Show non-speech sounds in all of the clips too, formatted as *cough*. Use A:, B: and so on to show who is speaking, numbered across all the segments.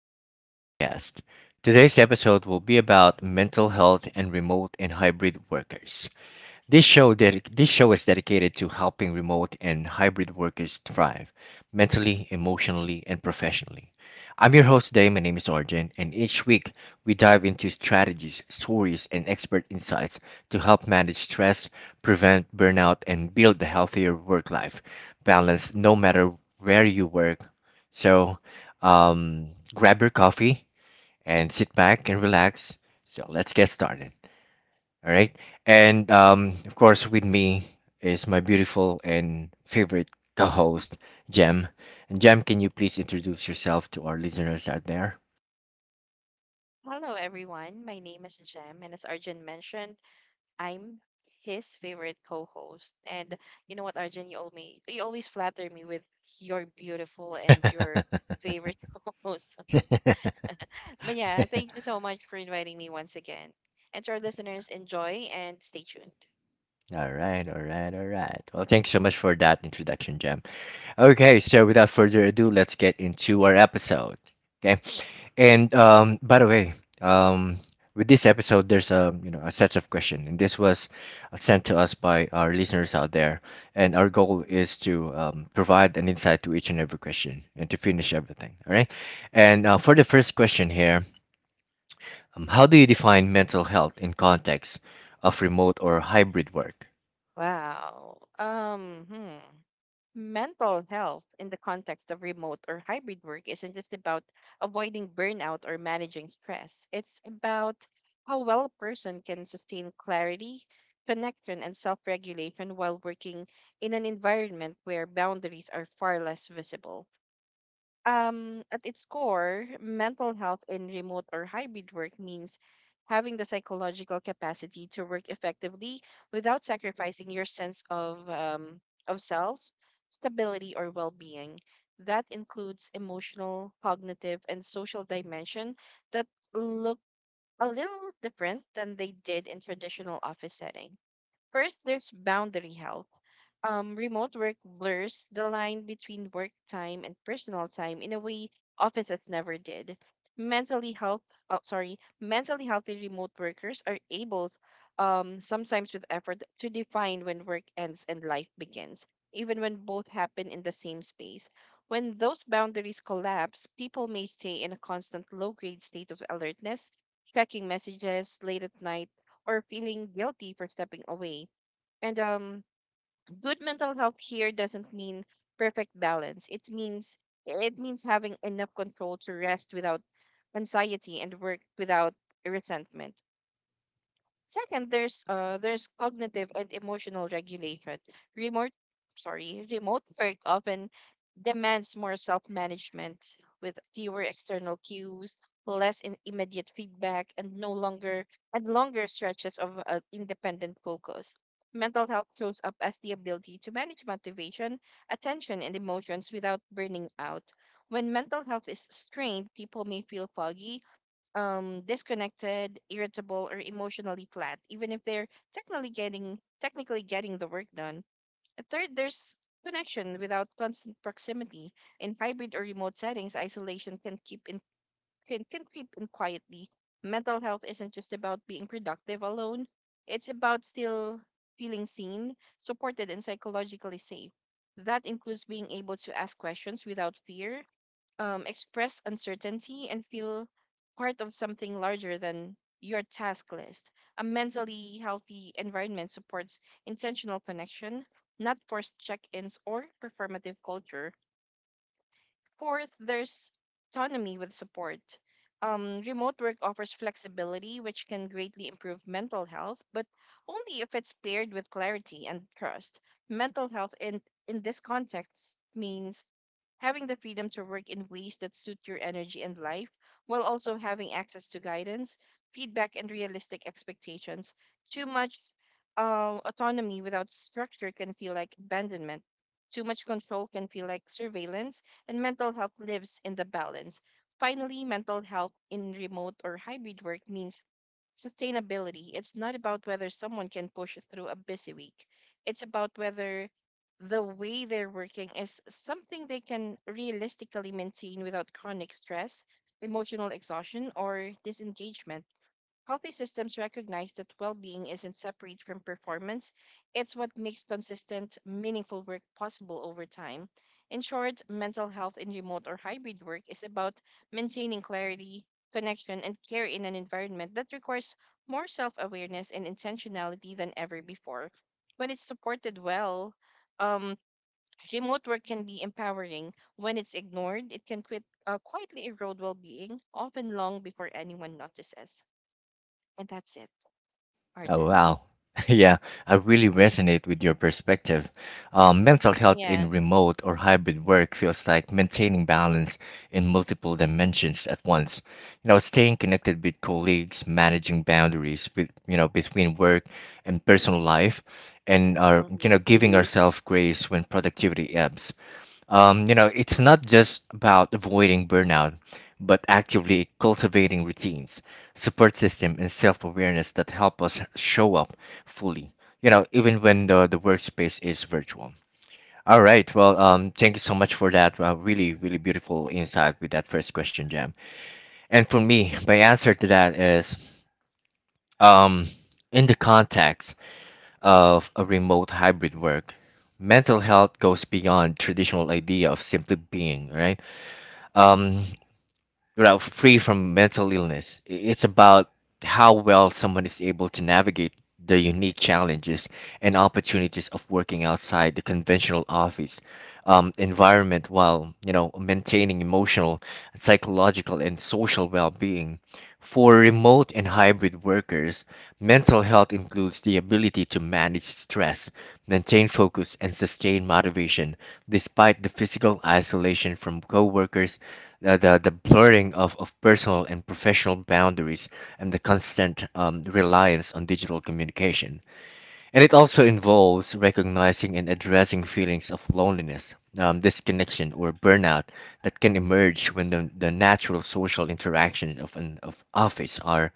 A: to Argent's podcast. Today's episode will be about mental health and remote and hybrid workers. This show is dedicated to helping remote and hybrid workers thrive mentally, emotionally, and professionally. I'm your host today. My name is Arjun, and each week we dive into strategies, stories, and expert insights to help manage stress, prevent burnout, and build a healthier work life balance no matter where you work. So grab your coffee and sit back and relax. So let's get started. All right. And of course, with me is my beautiful and favorite co host, Jem. And Jem, can you please introduce yourself to our listeners out there?
B: Hello, everyone. My name is Jem, and as Arjun mentioned, I'm his favorite co-host. And you know what, Arjun, you always flatter me with your beautiful and your
A: *laughs*
B: favorite *laughs* co-host. But yeah, thank you so much for inviting me once again. And to our listeners, enjoy and stay tuned.
A: All right, all right, all right. Well, thanks so much for that introduction, Jem. Okay, so without further ado, let's get into our episode. Okay, And by the way, um, with this episode, there's a a set of question, and this was sent to us by our listeners out there. And our goal is to provide an insight to each and every question, and to finish everything. All right. And for the first question here, how do you define mental health in context of remote or hybrid work?
B: Wow. Hmm. Mental health in the context of remote or hybrid work isn't just about avoiding burnout or managing stress. It's about how well a person can sustain clarity, connection, and self regulation while working in an environment where boundaries are far less visible. At its core, mental health in remote or hybrid work means having the psychological capacity to work effectively without sacrificing your sense of self, stability, or well-being. That includes emotional, cognitive, and social dimension that look a little different than they did in traditional office setting. First, there's boundary health. Remote work blurs the line between work time and personal time in a way offices never did. Mentally health, mentally healthy remote workers are able, sometimes with effort, to define when work ends and life begins, even when both happen in the same space. When those boundaries collapse, people may stay in a constant low-grade state of alertness, checking messages late at night, or feeling guilty for stepping away, and good mental health here doesn't mean perfect balance. It means having enough control to rest without anxiety and work without resentment. Second, there's cognitive and emotional regulation. Remote remote work often demands more self-management with fewer external cues, less in immediate feedback, and no longer and longer stretches of independent focus. Mental health shows up as the ability to manage motivation, attention, and emotions without burning out. When mental health is strained, people may feel foggy, disconnected, irritable, or emotionally flat, even if they're technically getting the work done. And third, there's connection without constant proximity. In hybrid or remote settings, isolation can creep in quietly. Mental health isn't just about being productive alone. It's about still feeling seen, supported, and psychologically safe. That includes being able to ask questions without fear, express uncertainty and feel part of something larger than your task list. A mentally healthy environment supports intentional connection, not forced check ins or performative culture. Fourth, there's autonomy with support. Remote work offers flexibility, which can greatly improve mental health, but only if it's paired with clarity and trust. Mental health in this context means having the freedom to work in ways that suit your energy and life, while also having access to guidance, feedback, and realistic expectations. Too much autonomy without structure can feel like abandonment. Too much control can feel like surveillance, and mental health lives in the balance. Finally, mental health in remote or hybrid work means sustainability. It's not about whether someone can push through a busy week. It's about whether the way they're working is something they can realistically maintain without chronic stress, emotional exhaustion, or disengagement. Healthy systems recognize that well being isn't separate from performance, it's what makes consistent, meaningful work possible over time. In short, mental health in remote or hybrid work is about maintaining clarity, connection, and care in an environment that requires more self awareness and intentionality than ever before. When it's supported well, um, remote work can be empowering. When it's ignored, it can quietly erode well being, often long before anyone notices. And that's it,
A: Oh,
B: Arjun.
A: wow. *laughs* Yeah, I really resonate with your perspective. Mental health in
B: Yeah.
A: remote or hybrid work feels like maintaining balance in multiple dimensions at once. You know, staying connected with colleagues, managing boundaries, between work and personal life, and are you
B: Mm-hmm.
A: know giving ourselves grace when productivity ebbs. You know, it's not just about avoiding burnout, but actively cultivating routines, support system, and self-awareness that help us show up fully, you know, even when the workspace is virtual. All right. Well, thank you so much for that. Really, really beautiful insight with that first question, Jam. And for me, my answer to that is, um, in the context of a remote hybrid work, mental health goes beyond traditional idea of simply being, right? Um, you know, free from mental illness. It's about how well someone is able to navigate the unique challenges and opportunities of working outside the conventional office environment while, you know, maintaining emotional, psychological, and social well-being. For remote and hybrid workers, mental health includes the ability to manage stress, maintain focus, and sustain motivation despite the physical isolation from coworkers, the blurring of personal and professional boundaries, and the constant reliance on digital communication. And it also involves recognizing and addressing feelings of loneliness, disconnection, or burnout that can emerge when the natural social interactions of an of office are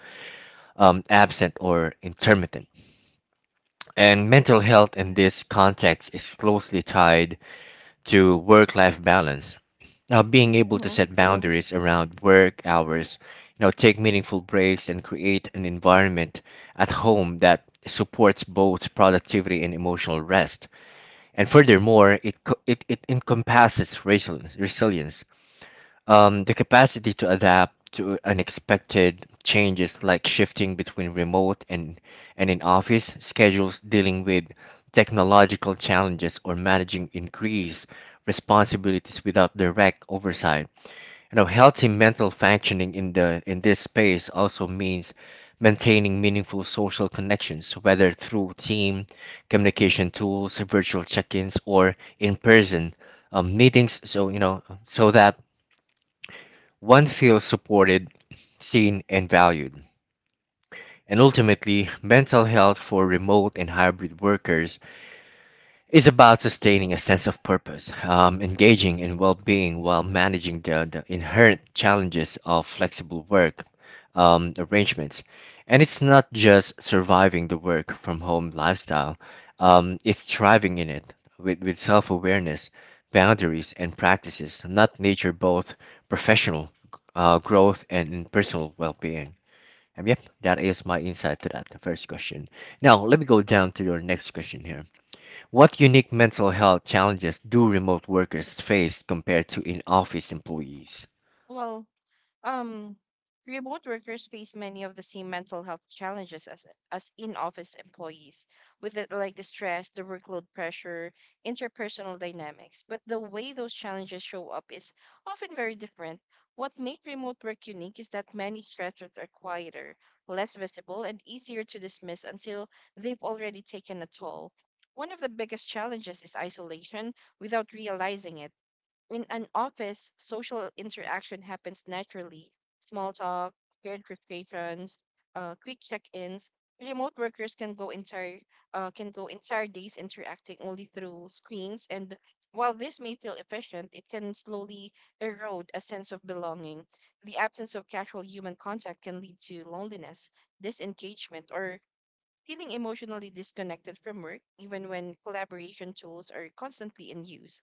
A: absent or intermittent. And mental health in this context is closely tied to work-life balance. Now, being able to
B: Mm-hmm.
A: set boundaries around work hours, you know, take meaningful breaks, and create an environment at home that supports both productivity and emotional rest, and furthermore, it encompasses resilience, the capacity to adapt to unexpected changes like shifting between remote and in office schedules, dealing with technological challenges, or managing increased responsibilities without direct oversight. You know, healthy mental functioning in this space also means maintaining meaningful social connections whether through team communication tools, virtual check-ins, or in-person meetings, so you know so that one feels supported, seen, and valued. And ultimately, mental health for remote and hybrid workers, it's about sustaining a sense of purpose, engaging in well being while managing the inherent challenges of flexible work arrangements. And it's not just surviving the work from home lifestyle, it's thriving in it with self awareness, boundaries, and practices not nature both professional growth and personal well being. And yep, that is my insight to that the first question. Now, let me go down to your next question here. What unique mental health challenges do remote workers face compared to in office employees?
B: Well, um, remote workers face many of the same mental health challenges as in-office employees, with it like the stress, the workload pressure, interpersonal dynamics. But the way those challenges show up is often very different. What makes remote work unique is that many stressors are quieter, less visible, and easier to dismiss until they've already taken a toll. One of the biggest challenges is isolation without realizing it. In an office, social interaction happens naturally. Small talk, shared frustrations, quick check-ins. Remote workers can go entire days interacting only through screens, and while this may feel efficient, it can slowly erode a sense of belonging. The absence of casual human contact can lead to loneliness, disengagement, or feeling emotionally disconnected from work, even when collaboration tools are constantly in use.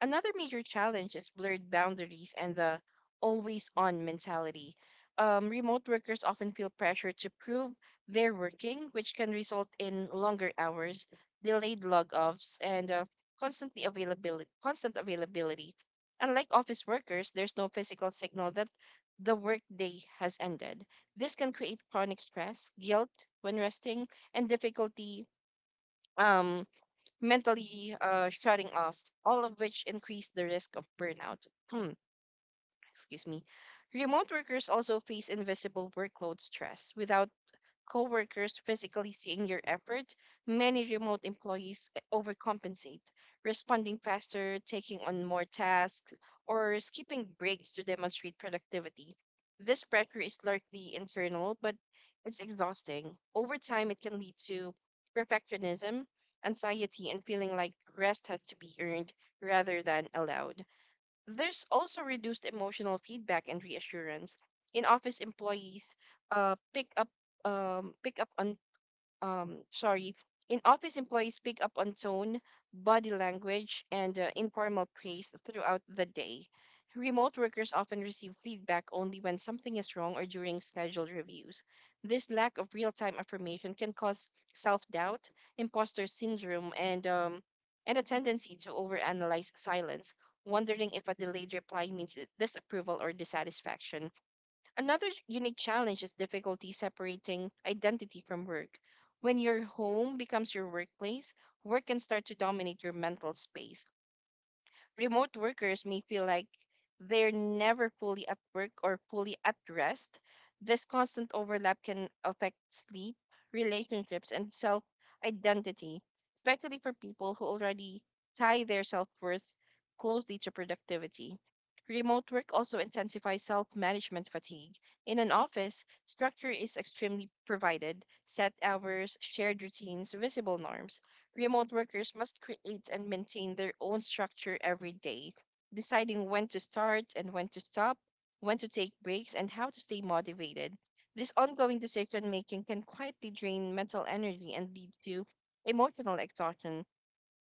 B: Another major challenge is blurred boundaries and the always on mentality. Remote workers often feel pressure to prove they're working, which can result in longer hours, delayed log offs, and constant availability. Unlike office workers, there's no physical signal that the workday has ended. This can create chronic stress, guilt when resting, and difficulty. Um, Mentally shutting off, all of which increase the risk of burnout. *clears throat* Excuse me. Remote workers also face invisible workload stress. Without coworkers physically seeing your effort, many remote employees overcompensate, responding faster, taking on more tasks, or skipping breaks to demonstrate productivity. This pressure is largely internal, but it's exhausting. Over time, it can lead to perfectionism, anxiety, and feeling like rest has to be earned rather than allowed. There's also reduced emotional feedback and reassurance. In office employees uh, pick up pick up on sorry in office employees pick up on tone, body language, and informal praise throughout the day. Remote workers often receive feedback only when something is wrong or during scheduled reviews. This lack of real-time affirmation can cause self-doubt, imposter syndrome, and a tendency to overanalyze silence, wondering if a delayed reply means disapproval or dissatisfaction. Another unique challenge is difficulty separating identity from work. When your home becomes your workplace, work can start to dominate your mental space. Remote workers may feel like they're never fully at work or fully at rest. This constant overlap can affect sleep, relationships, and self identity, especially for people who already tie their self worth closely to productivity. Remote work also intensifies self management fatigue. In an office, structure is extremely provided set hours, shared routines, visible norms. Remote workers must create and maintain their own structure every day, deciding when to start and when to stop, when to take breaks, and how to stay motivated. This ongoing decision making can quietly drain mental energy and lead to emotional exhaustion.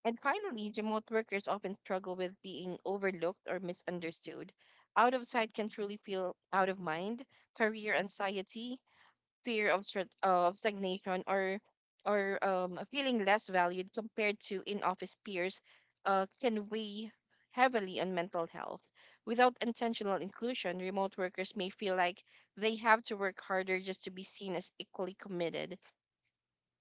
B: And finally, remote workers often struggle with being overlooked or misunderstood. Out of sight can truly feel out of mind, career anxiety, fear of stagnation or feeling less valued compared to in-office peers can weigh heavily on mental health. Without intentional inclusion, remote workers may feel like they have to work harder just to be seen as equally committed.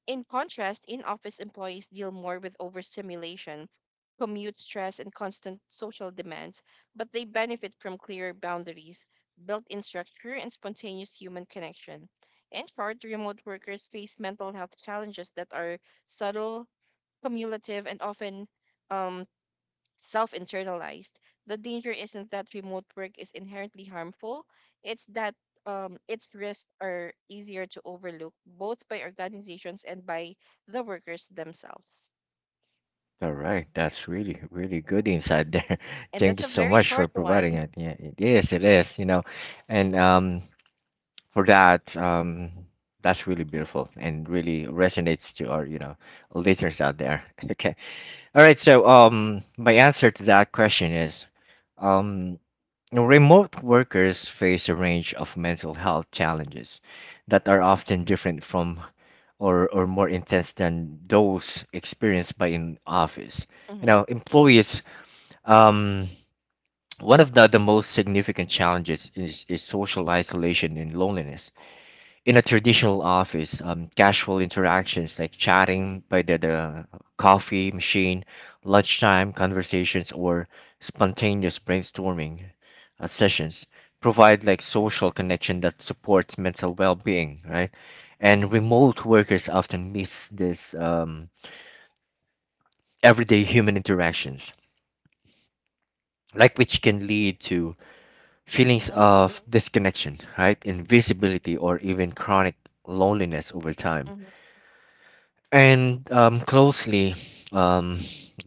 B: In contrast, in office employees deal more with overstimulation, commute stress, and constant social demands, but they benefit from clearer boundaries, built in structure, and spontaneous human connection. In short, remote workers face mental health challenges that are subtle, cumulative, and often um, self internalized. The danger isn't that remote work is inherently harmful, it's that its risks are easier to overlook both by organizations and by the workers themselves.
A: All right, that's really, really good insight there. *laughs*
B: And
A: Thank you
B: that's a
A: so
B: very
A: much for
B: short
A: providing
B: one.
A: it. Yeah, you know, and for that, that's really
B: Mm-hmm.
A: beautiful and really resonates to our, you know, listeners out there. *laughs* Okay. All right, so my answer to that question is, um, remote workers face a range of mental health challenges that are often different from or more intense than those experienced by in office. You
B: Mm-hmm.
A: know, employees, um, one of the most significant challenges is social isolation and loneliness in a traditional office, casual interactions like chatting by the coffee machine, lunchtime conversations, or spontaneous brainstorming sessions provide like social connection that supports mental well-being, right? And remote workers often miss this everyday human interactions, like which can lead to feelings
B: Mm-hmm,
A: of disconnection, right? Invisibility or even chronic loneliness over time.
B: mm-hmm.
A: And closely um,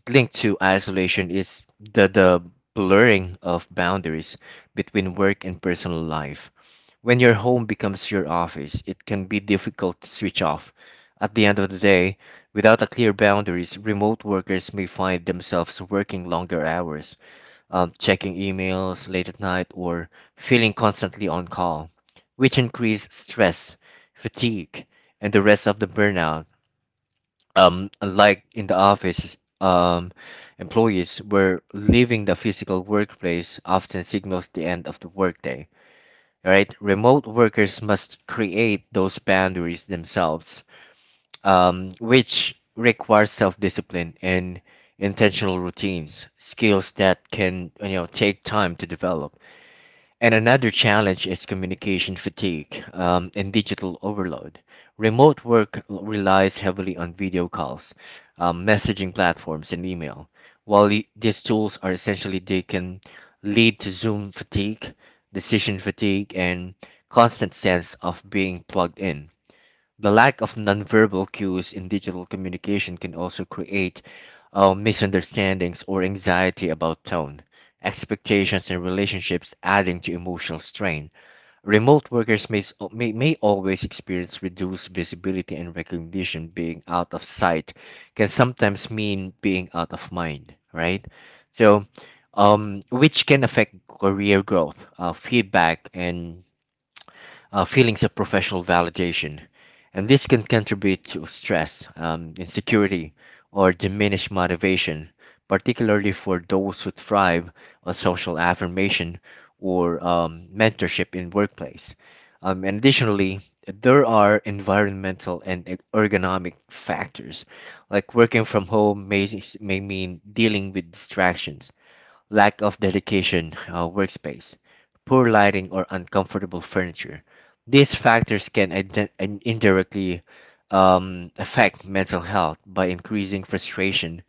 A: linked to isolation is the blurring of boundaries between work and personal life. When your home becomes your office, it can be difficult to switch off. At the end of the day, without a clear boundaries, remote workers may find themselves working longer hours, checking emails late at night, or feeling constantly on call, which increase stress, fatigue, and the rest of the burnout. Like in the office, employees were leaving the physical workplace often signals the end of the workday, right? Remote workers must create those boundaries themselves, which requires self-discipline and intentional routines, skills that can, you know, take time to develop. And another challenge is communication fatigue and digital overload. Relies heavily on video calls, messaging platforms, and email. While these tools are essentially, they can lead to Zoom fatigue, decision fatigue, and constant sense of being plugged in. The lack of nonverbal cues in digital communication can also create misunderstandings or anxiety about tone, expectations, and relationships, adding to emotional strain. Remote workers may always experience reduced visibility and recognition. Being out of sight can sometimes mean being out of mind, right? So, which can affect career growth, feedback, and feelings of professional validation, and this can contribute to stress, insecurity, or diminished motivation, particularly for those who thrive on social affirmation or mentorship in workplace. And additionally, there are environmental and ergonomic factors, like working from home may mean dealing with distractions, lack of dedication workspace, poor lighting, or uncomfortable furniture. These factors can indirectly affect mental health by increasing frustration,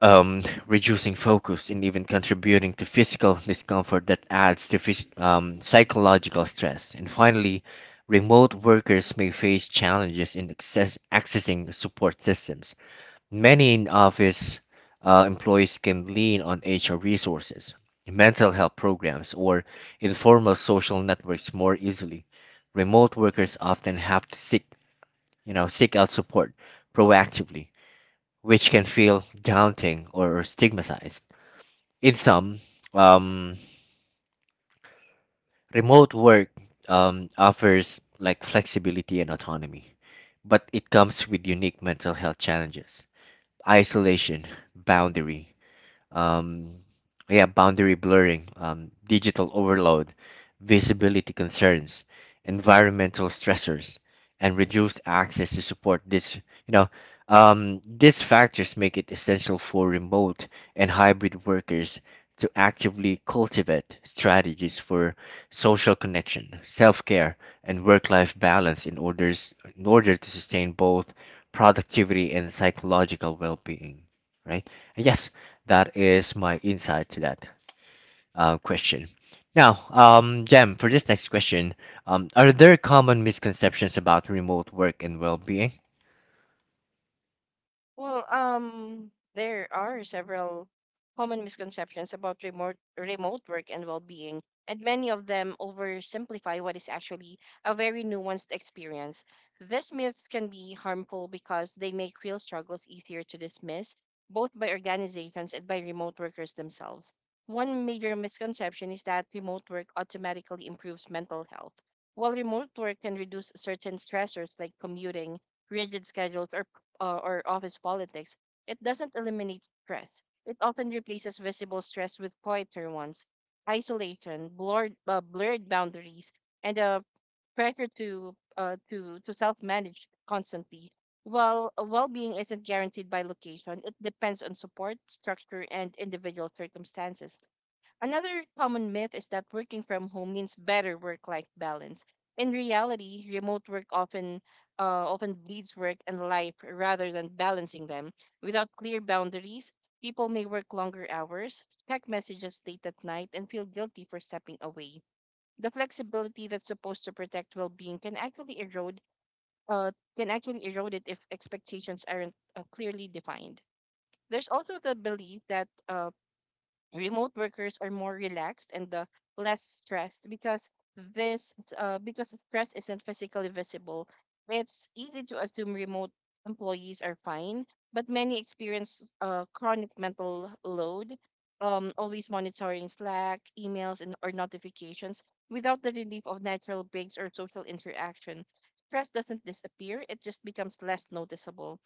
A: reducing focus, and even contributing to physical discomfort that adds to psychological stress. And finally, remote workers may face challenges in accessing support systems. Many in office employees can lean on HR resources, mental health programs, or informal social networks more easily. Remote workers often have to seek out support proactively, which can feel daunting or stigmatized. In some, um, remote work offers like flexibility and autonomy, but it comes with unique mental health challenges, isolation, boundary um, yeah, boundary blurring, digital overload, visibility concerns, environmental stressors, and reduced access to support. This, you know, these factors make it essential for remote and hybrid workers to actively cultivate strategies for social connection, self-care, and work-life balance in order to sustain both productivity and psychological well-being, right? And yes, that is my insight to that question. Now, Jem, for this next question, are there common misconceptions about remote work and well-being?
B: Well, there are several common misconceptions about remote work and well-being, and many of them oversimplify what is actually a very nuanced experience. These myths can be harmful because they make real struggles easier to dismiss, both by organizations and by remote workers themselves. One major misconception is that remote work automatically improves mental health. While remote work can reduce certain stressors like commuting, rigid schedules, or office politics, it doesn't eliminate stress. It often replaces visible stress with quieter ones, isolation, blurred boundaries, and a pressure to self-manage constantly. While well-being isn't guaranteed by location, it depends on support, structure, and individual circumstances. Another common myth is that working from home means better work-life balance. In reality, remote work often bleeds work and life rather than balancing them. Without clear boundaries, people may work longer hours, check messages late at night, and feel guilty for stepping away. The flexibility that's supposed to protect well-being can actually erode uh, it if expectations aren't clearly defined. There's also the belief that remote workers are more relaxed and less stressed because stress isn't physically visible. It's easy to assume remote employees are fine, but many experience chronic mental load, always monitoring Slack emails and or notifications, without the relief of natural breaks or social interaction. Stress doesn't disappear, it just becomes less noticeable.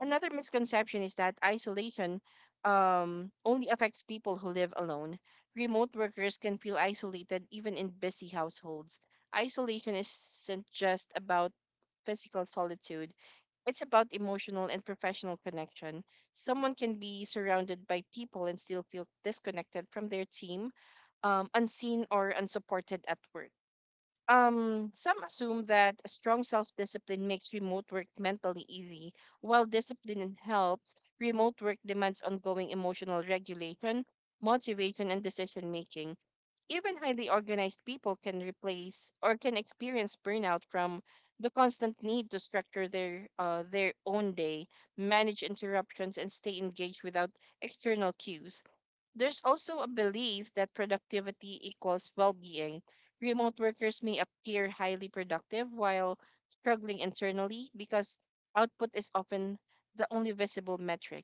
B: Another misconception is that isolation only affects people who live alone. Remote workers can feel isolated even in busy households. Isolation isn't just about physical solitude, it's about emotional and professional connection. Someone can be surrounded by people and still feel disconnected from their team, unseen or unsupported at work. Some assume that a strong self-discipline makes remote work mentally easy, while discipline helps. Remote work demands ongoing emotional regulation, motivation, and decision making. Even highly organized people can replace or can experience burnout from the constant need to structure their their own day, manage interruptions, and stay engaged without external cues. There's also a belief that productivity equals well being. Remote workers may appear highly productive while struggling internally because output is often the only visible metric.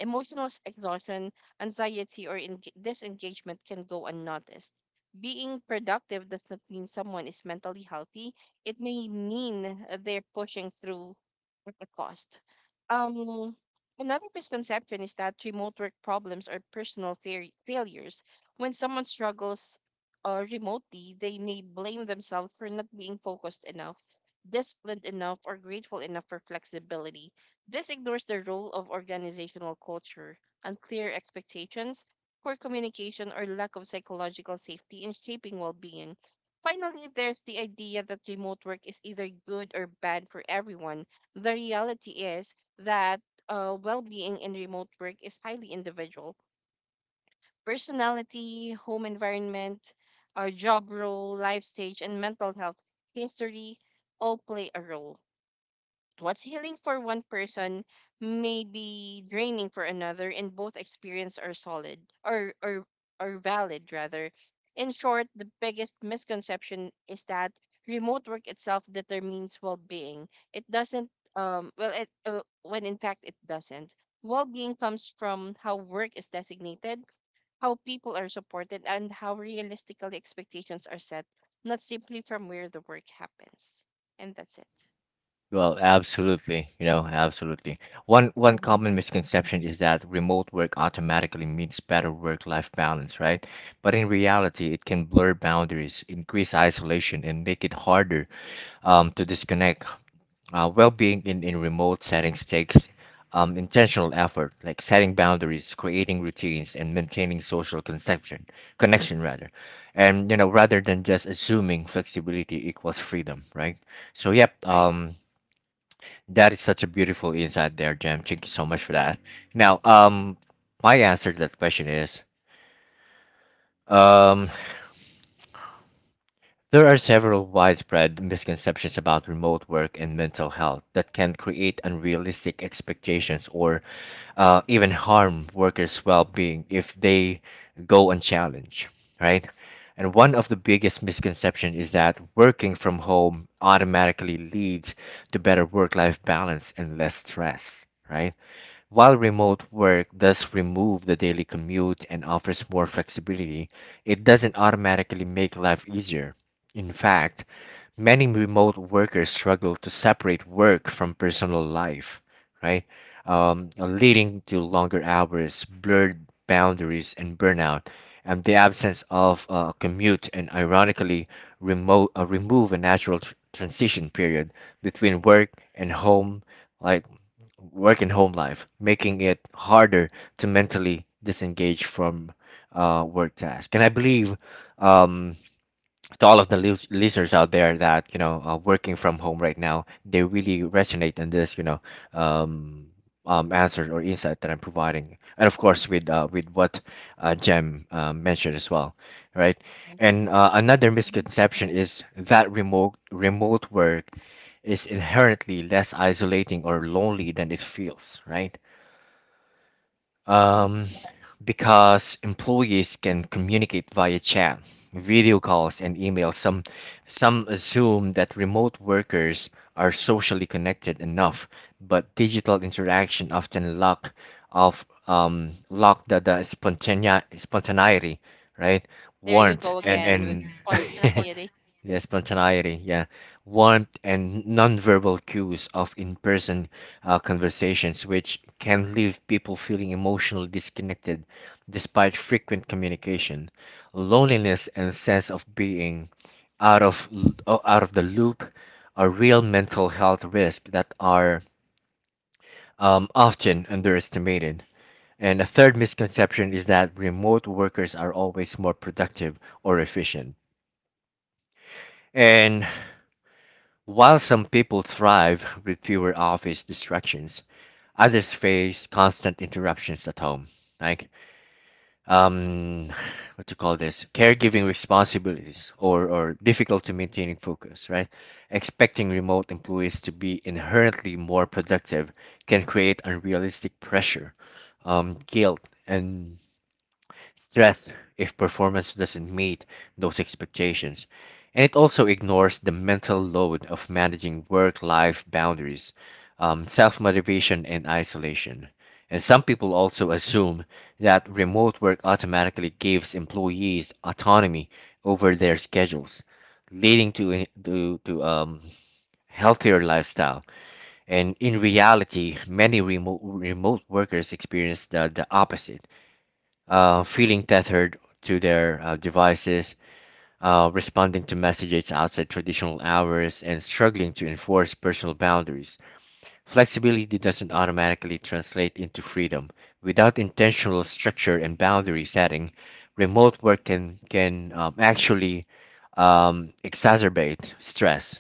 B: Emotional exhaustion, anxiety, or disengagement can go unnoticed. Being productive does not mean someone is mentally healthy. It may mean they're pushing through at a cost. Um, another misconception is that remote work problems are personal failures. When someone struggles remotely, they may blame themselves for not being focused enough, disciplined enough, or grateful enough for flexibility. This ignores the role of organizational culture, unclear expectations, poor communication, or lack of psychological safety in shaping well being. Finally, there's the idea that remote work is either good or bad for everyone. The reality is that well being in remote work is highly individual. Personality, home environment, our job role, life stage, and mental health history all play a role. What's healing for one person may be draining for another, and both experience are solid or valid rather. In short, the biggest misconception is that remote work itself determines well-being. It doesn't. Well, it when in fact it doesn't. Well-being comes from how work is designated, how people are supported, and how realistically expectations are set, not simply from where the work happens. And that's it.
A: Well, absolutely. You know, absolutely. One
B: Mm-hmm.
A: common misconception is that remote work automatically means better work-life balance, right? But in reality, it can blur boundaries, increase isolation, and make it harder to disconnect. Well-being in remote settings takes intentional effort, like setting boundaries, creating routines, and maintaining social conception, connection rather. And you know, rather than just assuming flexibility equals freedom, right? So yep,
B: Right.
A: that is such a beautiful insight there, Jam. Thank you so much for that. Now, my answer to that question is, um, there are several widespread misconceptions about remote work and mental health that can create unrealistic expectations or even harm workers' well being if they go unchallenged, right? And one of the biggest misconceptions is that working from home automatically leads to better work life balance and less stress, right? While remote work does remove the daily commute and offers more flexibility, it doesn't automatically make life easier. In fact, many remote workers struggle to separate work from personal life, right? Leading to longer hours, blurred boundaries, and burnout. And the absence of commute and ironically remote remove a natural transition period between work and home, like work and home life, making it harder to mentally disengage from work tasks. And I believe um, to all of the listeners out there that you know are working from home right now they really resonate in this um, answer or insight that I'm providing, and of course with what Jem mentioned as well, right?
B: Right.
A: And another
B: Mhm,
A: misconception is that remote work is inherently less isolating or lonely than it feels, right?
B: mhm.
A: um, because employees can communicate via chat, video calls, and email. Some assume that remote workers are socially connected enough, but digital interaction often lack of lack the spontaneity, right?
B: There you
A: Warmth
B: go
A: and
B: again with
A: *laughs*
B: spontaneity.
A: yeah, spontaneity, yeah, warmth, and nonverbal cues of in person conversations, which can leave people feeling emotionally disconnected despite frequent communication. Loneliness and sense of being out of, out of the loop are real mental health risks that are often underestimated. And a third misconception is that remote workers are always more productive or efficient. And While some people thrive with fewer office distractions, others face constant interruptions at home, like um, what to call this, caregiving responsibilities, or difficulty maintaining focus. Right, expecting remote employees to be inherently more productive can create unrealistic pressure, guilt, and stress if performance doesn't meet those expectations, and it also ignores the mental load of managing work life boundaries, self motivation, and isolation. And some people also assume that remote work automatically gives employees autonomy over their schedules, leading to, healthier lifestyle. And in reality, many remote workers experience the opposite, feeling tethered to their devices, responding to messages outside traditional hours, and struggling to enforce personal boundaries. Flexibility doesn't automatically translate into freedom. Without intentional structure and boundary setting, remote work can actually exacerbate stress,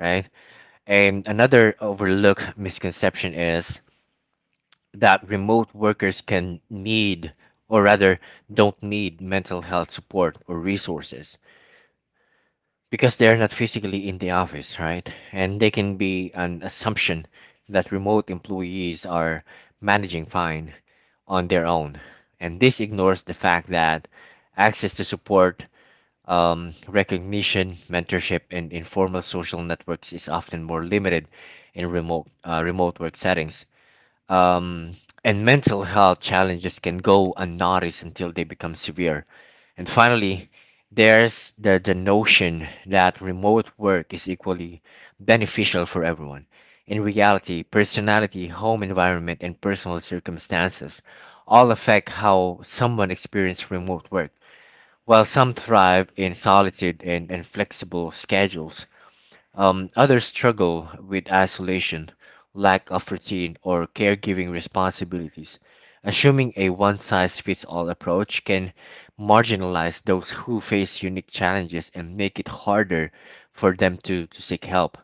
A: right? And another overlooked misconception is that remote workers can need, or rather, don't need mental health support or resources because they're not physically in the office, right? And they can be an assumption that remote employees are managing fine on their own. And this ignores the fact that access to support, recognition, mentorship, and informal social networks is often more limited in remote work settings, um, and mental health challenges can go unnoticed until they become severe. And finally, there's the notion that remote work is equally beneficial for everyone. In reality, personality, home environment, and personal circumstances all affect how someone experiences remote work. While some thrive in solitude and flexible schedules, others struggle with isolation, lack of routine, or caregiving responsibilities. Assuming a one size fits all approach can marginalize those who face unique challenges and make it harder for them to seek help.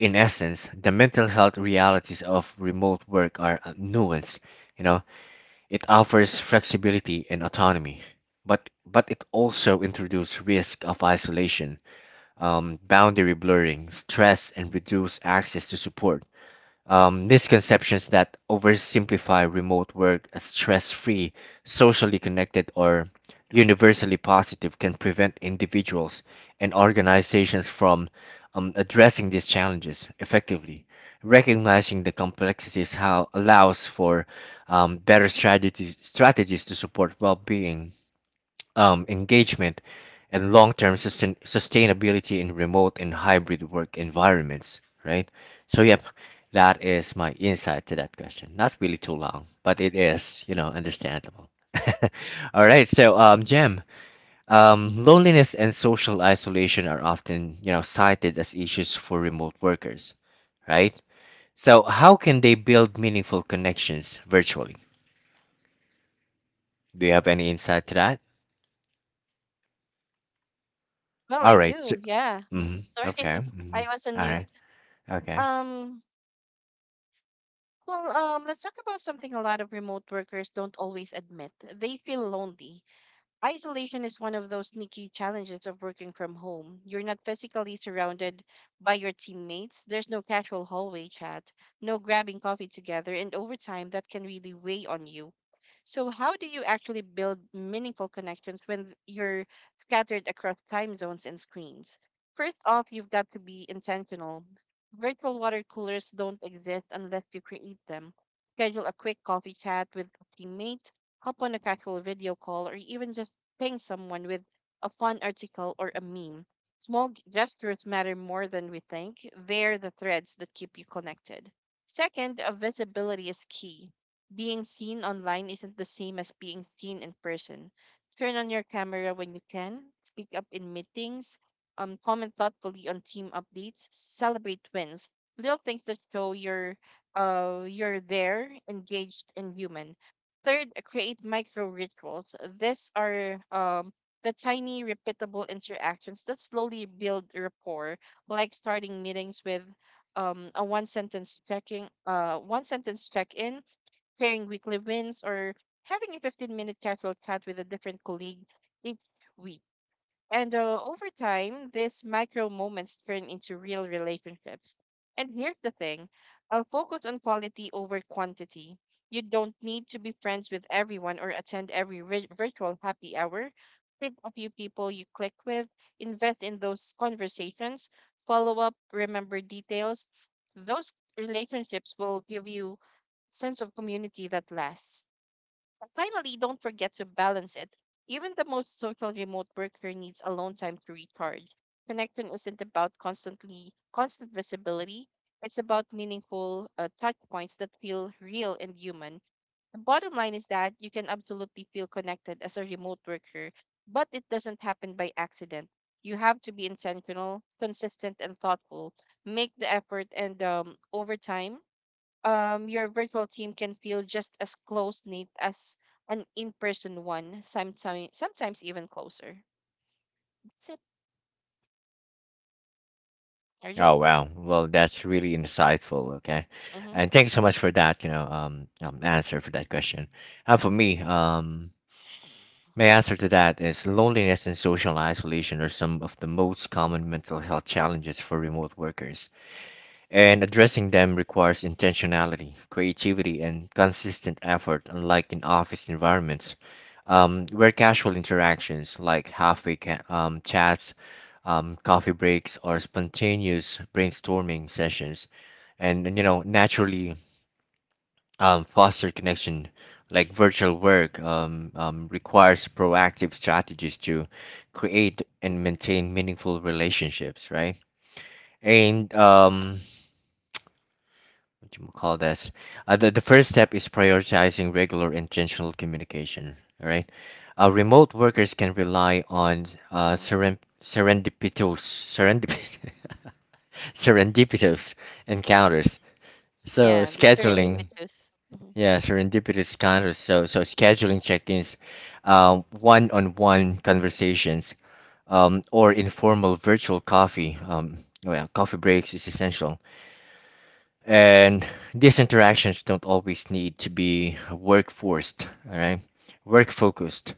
A: In essence, the mental health realities of remote work are nuanced. You know, it offers flexibility and autonomy, but it also introduces risk of isolation, boundary blurring, stress, and reduced access to support. Misconceptions that oversimplify remote work as stress free, socially connected, or universally positive can prevent individuals and organizations from addressing these challenges effectively. Recognizing the complexities how allows for better strategies to support well-being, engagement, and long-term sustainability in remote and hybrid work environments, right? So, yep, that is my insight to that question. Not really too long, but it is, you know, understandable. *laughs* All right, so Jem, loneliness and social isolation are often, you know, cited as issues for remote workers, right? So, how can they build meaningful connections virtually? Do you have any insight to that?
B: Well,
A: All
B: I
A: right. So,
B: do, yeah.
A: hmm.
B: Sorry,
A: Okay,
B: *laughs*
A: hmm.
B: I was on
A: All right.
B: mute.
A: Okay.
B: Um, well, let's talk about something a lot of remote workers don't always admit. They feel lonely. Isolation is one of those sneaky challenges of working from home. You're not physically surrounded by your teammates. There's no casual hallway chat, no grabbing coffee together, and over time, that can really weigh on you. So, how do you actually build meaningful connections when you're scattered across time zones and screens? First off, you've got to be intentional. Virtual water coolers don't exist unless you create them. Schedule a quick coffee chat with a teammate, hop on a casual video call, or even just ping someone with a fun article or a meme. Small gestures matter more than we think. They're the threads that keep you connected. Second, visibility is key. Being seen online isn't the same as being seen in person. Turn on your camera when you can, speak up in meetings, comment thoughtfully on team updates, celebrate wins. Little things that show you're there, engaged, and human. Third, create micro rituals. These are the tiny repeatable interactions that slowly build rapport, like starting meetings with a one sentence check in, sharing weekly wins, or having a 15-minute casual chat with a different colleague each week. And over time, these micro moments turn into real relationships. And here's the thing I'll focus on quality over quantity. You don't need to be friends with everyone or attend every virtual happy hour. Pick a few people you click with, invest in those conversations, follow up, remember details. Those relationships will give you sense of community that lasts. And finally, don't forget to balance it. Even the most social remote worker needs alone time to recharge. Connection isn't about constant visibility. It's about meaningful touch points that feel real and human. The bottom line is that you can absolutely feel connected as a remote worker, but it doesn't happen by accident. You have to be intentional, consistent, and thoughtful. Make the effort, and over time, your virtual team can feel just as close knit as an in person one, sometimes even closer. That's it, Arjun.
A: Oh wow. Well, that's really insightful. Okay,
B: Mm-hmm,
A: and thank you so much for that. You know, answer for that question. And for me, my answer to that is loneliness and social isolation are some of the most common mental health challenges for remote workers, and addressing them requires intentionality, creativity, and consistent effort, unlike in office environments, where casual interactions like chats, coffee breaks, or spontaneous brainstorming sessions, you know, naturally foster connection. Like virtual work requires proactive strategies to create and maintain meaningful relationships, right? And what you call this the first step is prioritizing regular intentional communication, all right? Remote workers can rely on
B: mm-hmm.
A: *laughs* serendipitous encounters, so
B: Yeah, the
A: scheduling
B: serendipitous. Mm-hmm.
A: yeah serendipitous encounters so scheduling check-ins, one-on-one conversations, or informal virtual coffee coffee breaks is essential. And these interactions don't always need to be work forced, all right? Work focused.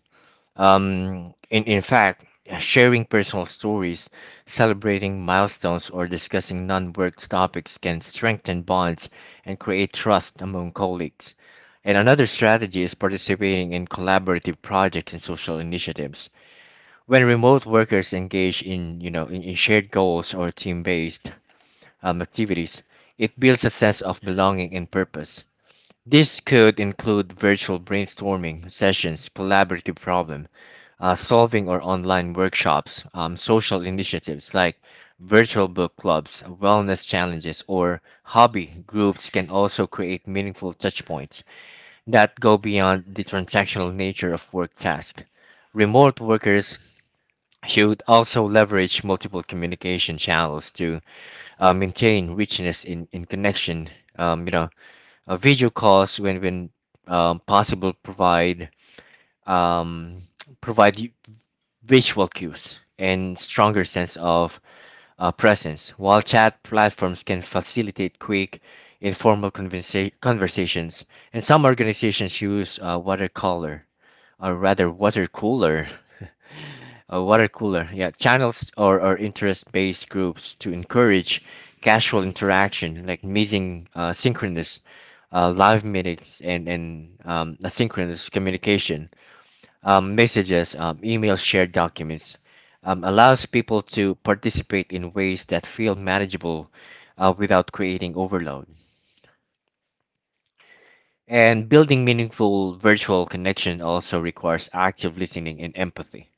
A: In fact, sharing personal stories, celebrating milestones, or discussing non work topics can strengthen bonds and create trust among colleagues. And another strategy is participating in collaborative projects and social initiatives. When remote workers engage in, you know, in shared goals or team-based activities, it builds a sense of belonging and purpose. This could include virtual brainstorming sessions, collaborative problem solving, or online workshops, social initiatives like virtual book clubs, wellness challenges, or hobby groups can also create meaningful touchpoints that go beyond the transactional nature of work tasks. Remote workers should also leverage multiple communication channels to maintain richness in, connection. You know, video calls when possible um, provide you visual cues and stronger sense of presence. While chat platforms can facilitate quick, informal conversations, and some organizations use watercolor or rather water cooler *laughs* water cooler yeah channels or, interest-based groups to encourage casual interaction like meeting synchronous live meetings and asynchronous communication, messages, email, shared documents, allows people to participate in ways that feel manageable without creating overload. And building meaningful virtual connection also requires active listening and empathy.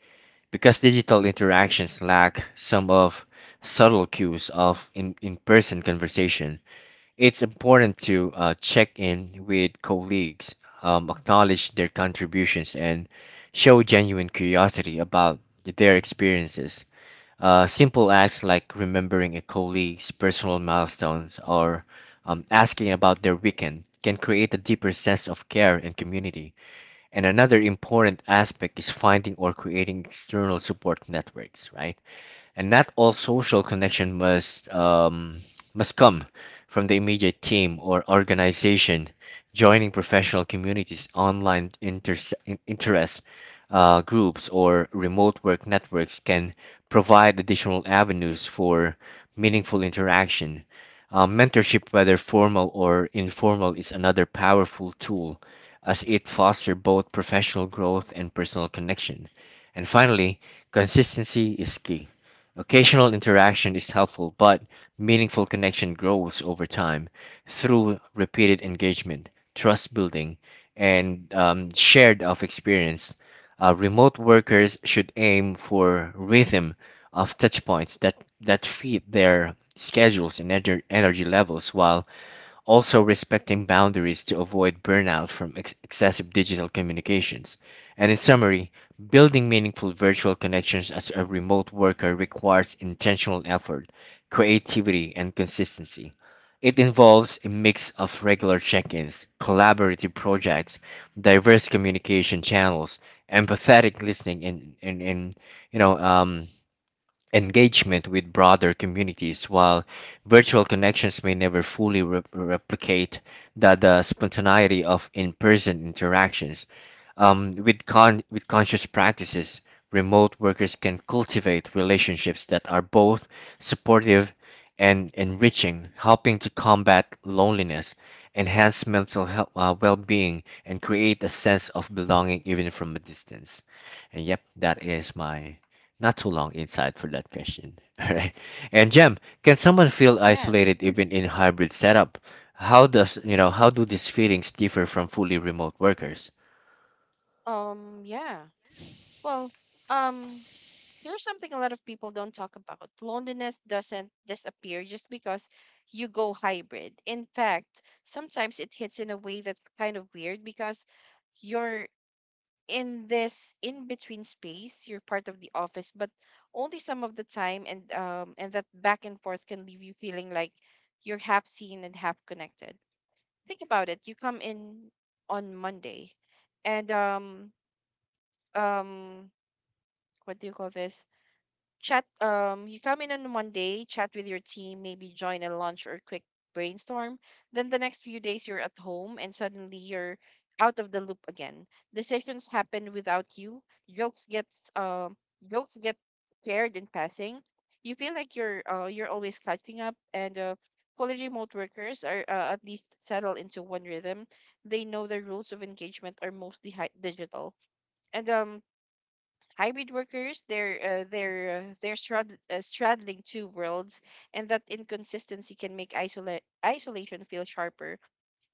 A: Because digital interactions lack some of subtle cues of in-person conversation, it's important to check in with colleagues, acknowledge their contributions, and show genuine curiosity about their experiences. Simple acts like remembering a colleague's personal milestones or asking about their weekend can create a deeper sense of care and community. And another important aspect is finding or creating external support networks, right? And not all social connection must come from the immediate team or organization. Joining professional communities, online interest groups, or remote work networks can provide additional avenues for meaningful interaction. Mentorship, whether formal or informal, is another powerful tool as it fosters both professional growth and personal connection. And finally, consistency is key. Occasional interaction is helpful, but meaningful connection grows over time through repeated engagement, trust building, and shared of experience. Remote workers should aim for rhythm of touch points that fit their schedules and energy levels while also respecting boundaries to avoid burnout from excessive digital communications. And in summary, building meaningful virtual connections as a remote worker requires intentional effort, creativity, and consistency. It involves a mix of regular check ins, collaborative projects, diverse communication channels, empathetic listening, and you know, engagement with broader communities, while virtual connections may never fully replicate the spontaneity of in-person interactions. With conscious practices, remote workers can cultivate relationships that are both supportive and enriching, helping to combat loneliness, enhance mental health, well-being, and create a sense of belonging even from a distance. And yep, that is my not too long inside for that question. *laughs* All right. And Jem, can someone feel isolated
B: Yes.
A: even in hybrid setup? How does you know how do these feelings differ from fully remote workers?
B: Yeah. Well, um, here's something a lot of people don't talk about. Loneliness doesn't disappear just because you go hybrid. In fact, sometimes it hits in a way that's kind of weird, because your in this in between space, you're part of the office but only some of the time, and and that back and forth can leave you feeling like you're half seen and half connected. Think about it, you come in on Monday and um what do you call this chat you come in on Monday, chat with your team, maybe join a lunch or quick brainstorm. Then the next few days you're at home and suddenly you're out of the loop again. Decisions happen without you. Jokes gets um jokes get shared in passing. You feel like you're, you're always catching up, and fully remote workers are at least settled into one rhythm. They know the rules of engagement are mostly digital. And hybrid workers, straddling two worlds, and that inconsistency can make isolation feel sharper.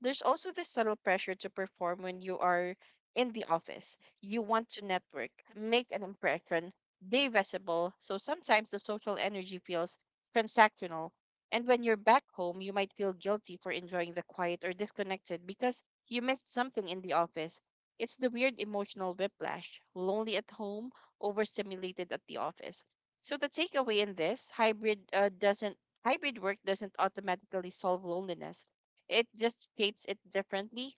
B: There's also this subtle pressure to perform when you are in the office. You want to network, make an impression, be visible. So sometimes the social energy feels transactional. And when you're back home, you might feel guilty for enjoying the quiet or disconnected because you missed something in the office. It's the weird emotional whiplash, lonely at home, overstimulated at the office. So the takeaway in this hybrid work doesn't automatically solve loneliness, it just shapes it differently.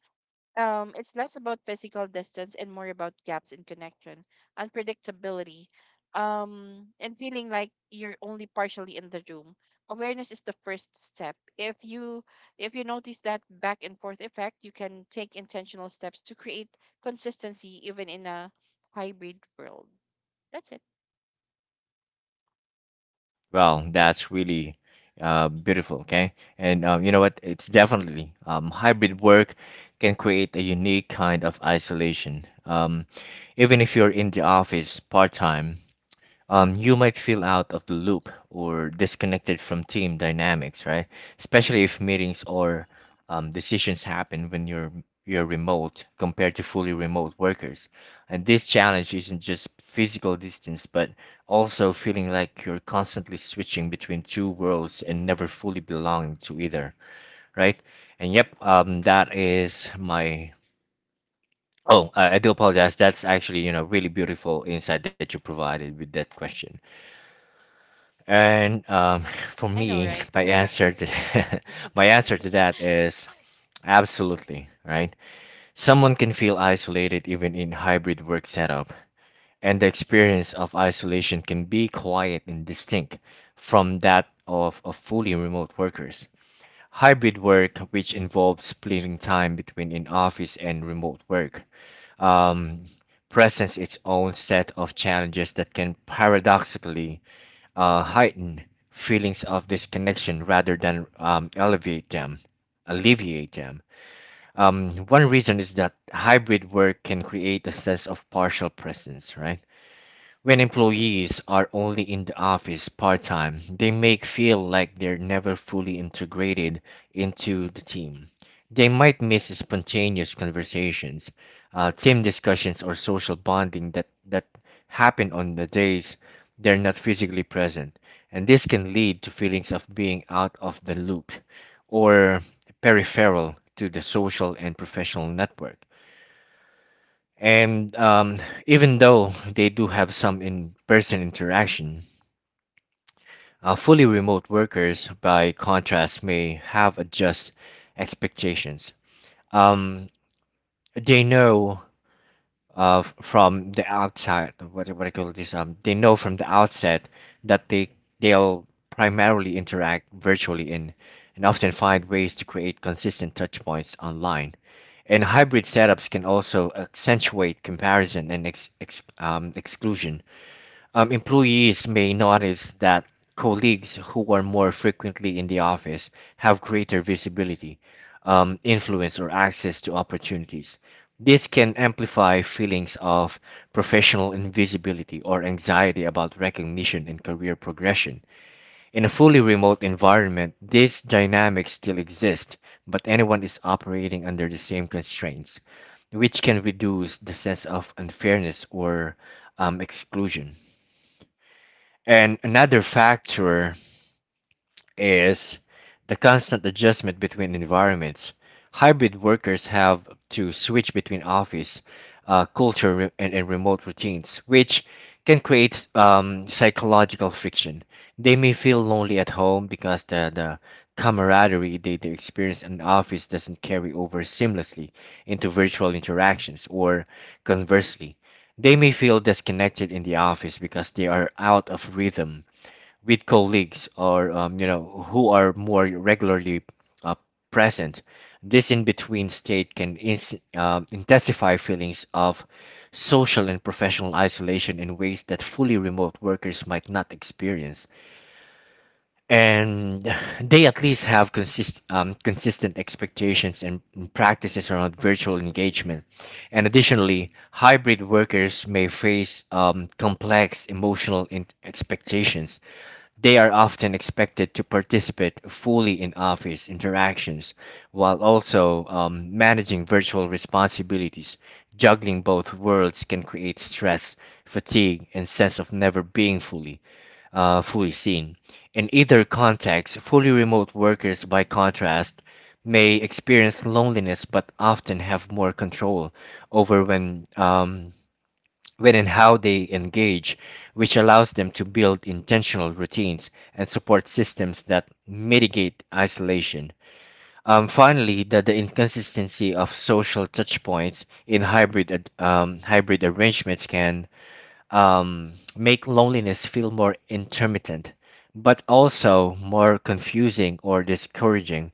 B: It's less about physical distance and more about gaps in connection, unpredictability, and feeling like you're only partially in the room. Awareness is the first step. If you notice that back and forth effect, you can take intentional steps to create consistency even in a hybrid world. That's it.
A: Well,
B: Yes.
A: that's really beautiful. Okay, and you know what? It's definitely hybrid work can create a unique kind of isolation. Even if you're in the office part time, you might feel out of the loop or disconnected from team dynamics, right? Especially if meetings or decisions happen when you're remote compared to fully remote workers. And this challenge isn't just physical distance, but also feeling like you're constantly switching between two worlds and never fully belonging to either, right? And yep, that is my. Oh, I do apologize. That's actually, you know, really beautiful insight that you provided with that question. And *laughs* for
B: I know,
A: me,
B: right?
A: my answer to *laughs* my answer to that is absolutely, right? Someone can feel isolated even in hybrid work setup, and the experience of isolation can be quiet and distinct from that of fully remote workers. Hybrid work, which involves splitting time between in-office and remote work, um, presents its own set of challenges that can paradoxically heighten feelings of disconnection rather than alleviate them. One reason is that hybrid work can create a sense of partial presence, right? When employees are only in the office part time, they may feel like they're never fully integrated into the team. They might miss spontaneous conversations, team discussions, or social bonding that happen on the days they're not physically present. And this can lead to feelings of being out of the loop or peripheral to the social and professional network. And Even though they do have some in person interaction, fully remote workers, by contrast, may have adjust expectations. Um, they know f- from the outside. What do call this? They know from the outset that they'll primarily interact virtually in, and often find ways to create consistent touch points online. And hybrid setups can also accentuate comparison and exclusion. Employees may notice that colleagues who are more frequently in the office have greater visibility, influence, or access to opportunities. This can amplify feelings of professional invisibility or anxiety about recognition and career progression. In a fully remote environment, these dynamics still exist, but anyone is operating under the same constraints, which can reduce the sense of unfairness or exclusion. And another factor is the constant adjustment between environments. Hybrid workers have to switch between office culture and remote routines, which can create psychological friction. They may feel lonely at home because the camaraderie they experience in the office doesn't carry over seamlessly into virtual interactions, or conversely, they may feel disconnected in the office because they are out of rhythm with colleagues or who are more regularly uh, present. This in-between state can ins intensify feelings of social and professional isolation in ways that fully remote workers might not experience, and they at least have consistent expectations and practices around virtual engagement. And additionally, hybrid workers may face complex emotional expectations. They are often expected to participate fully in office interactions while also managing virtual responsibilities. Juggling both worlds can create stress, fatigue, and sense of never being fully seen. In either context, fully remote workers, by contrast, may experience loneliness but often have more control over when and how they engage, which allows them to build intentional routines and support systems that mitigate isolation. Finally, the inconsistency of social touchpoints in hybrid arrangements can make loneliness feel more intermittent, but also more confusing or discouraging.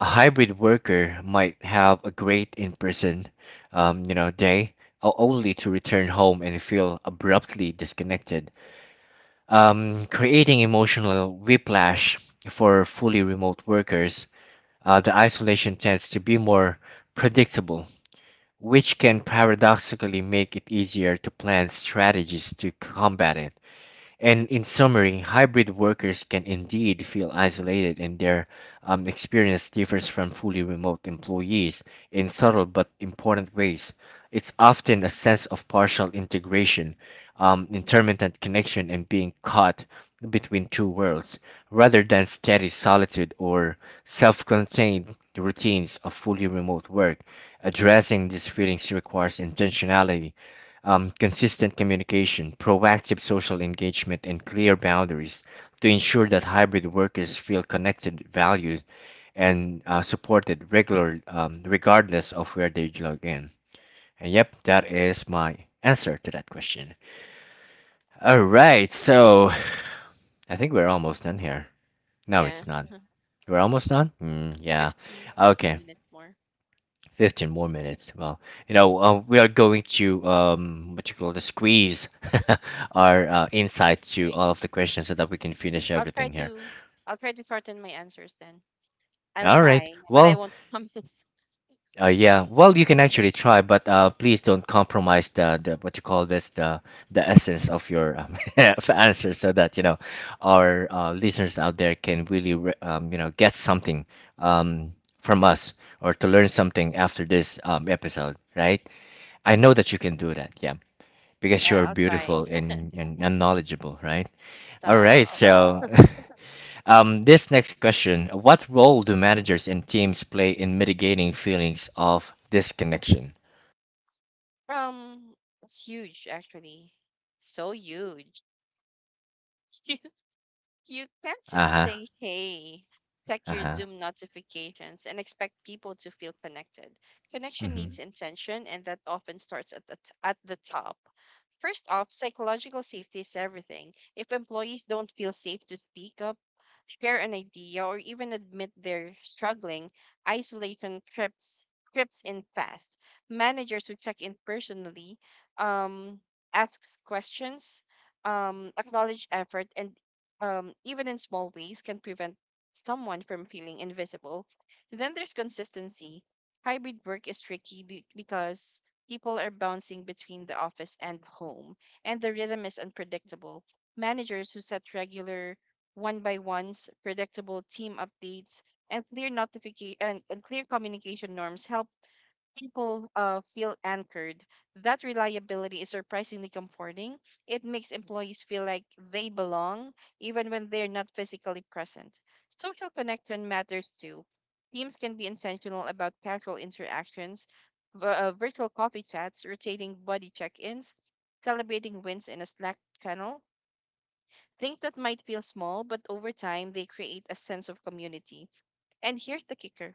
A: A hybrid worker might have a great in-person, day, o- only to return home and feel abruptly disconnected, creating emotional whiplash for fully remote workers. The isolation tends to be more predictable, which can paradoxically make it easier to plan strategies to combat it. And in summary, hybrid workers can indeed feel isolated, and their experience differs from fully remote employees in subtle but important ways. It's often a sense of partial integration, intermittent connection, and being caught between two worlds, rather than steady solitude or self contained routines of fully remote work. Addressing these feelings requires intentionality, consistent communication, proactive social engagement, and clear boundaries to ensure that hybrid workers feel connected, valued, and supported regardless of where they log in. And yep, that is my answer to that question. All right, so I think we're almost done here. No, it's
B: Yeah.
A: not. We're almost done? Mm, yeah.
B: fifteen
A: Okay.
B: fifteen minutes more.
A: 15 more minutes. Well, we are going to what you call the squeeze *laughs* our insight to
B: Right.
A: all of the questions so that we can finish
B: I'll
A: everything
B: try
A: here.
B: to I'll try to shorten my answers then. I'll
A: All right.
B: try, but I
A: Well,
B: won't promise. *laughs*
A: yeah. Well, you can actually try, but please don't compromise the what you call this the essence of your *laughs* of answer so that you know our listeners out there can really you know get something um, from us or to learn something after this episode, right? I know
B: Okay.
A: that you can do that. Yeah. Because you
B: Yeah,
A: are
B: I'll try.
A: beautiful and, and knowledgeable, right? All right,
B: Stop.
A: so *laughs* this next question: what role do managers and teams play in mitigating feelings of disconnection?
B: Um, it's huge actually. So huge. *laughs* You can't
A: Uh
B: just say,
A: huh,
B: hey, check
A: uh
B: your
A: huh.
B: Zoom notifications and expect people to feel connected. Connection
A: Mm-hmm.
B: needs intention, and that often starts at the top. First off, psychological safety is everything. If employees don't feel safe to speak up, share an idea, or even admit they're struggling, isolation trips in fast. Managers who check in personally, um, asks questions, acknowledge effort, and even in small ways, can prevent someone from feeling invisible. Then there's consistency. Hybrid work is tricky because people are bouncing between the office and home, and the rhythm is unpredictable. Managers who set regular one by ones, predictable team updates, and and clear communication norms help people feel anchored. That reliability is surprisingly comforting. It makes employees feel like they belong, even when they're not physically present. Social connection matters too. Teams can be intentional about casual interactions, virtual coffee chats, rotating body check ins, celebrating wins in a Slack channel. Things that might feel small, but over time they create a sense of community. And here's the kicker,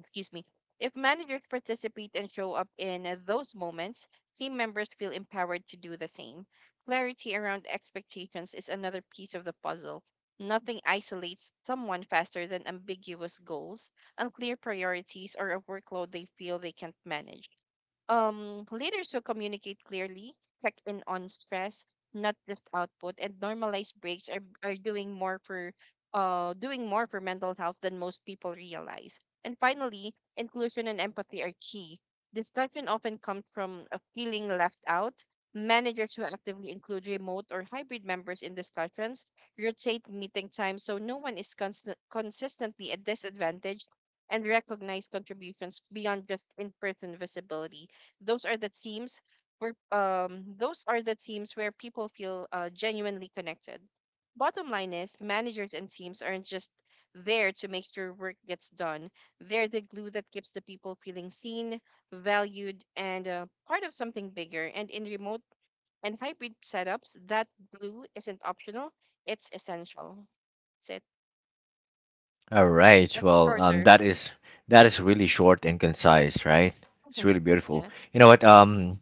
B: excuse me, if managers participate and show up in those moments, team members feel empowered to do the same. Clarity around expectations is another piece of the puzzle. Nothing isolates someone faster than ambiguous goals, unclear priorities, or a workload they feel they can't manage. Leaders who communicate clearly, check in on stress, not just output, and normalize breaks are doing more for mental health than most people realize. And finally, inclusion and empathy are key. Discussion often comes from a feeling left out. Managers who actively include remote or hybrid members in discussions, rotate meeting times so no one is consistently at disadvantage, and recognize contributions beyond just in person visibility, those are the teams those are the teams where people feel genuinely connected. Bottom line is managers and teams aren't just there to make sure work gets done. They're the glue that keeps the people feeling seen, valued, and part of something bigger. And in remote and hybrid setups, that glue isn't optional; it's essential. That's it.
A: All right,
B: That's
A: well,
B: shorter.
A: that is really short and concise, right? It's really
B: *laughs*
A: beautiful.
B: Yeah.
A: You know what?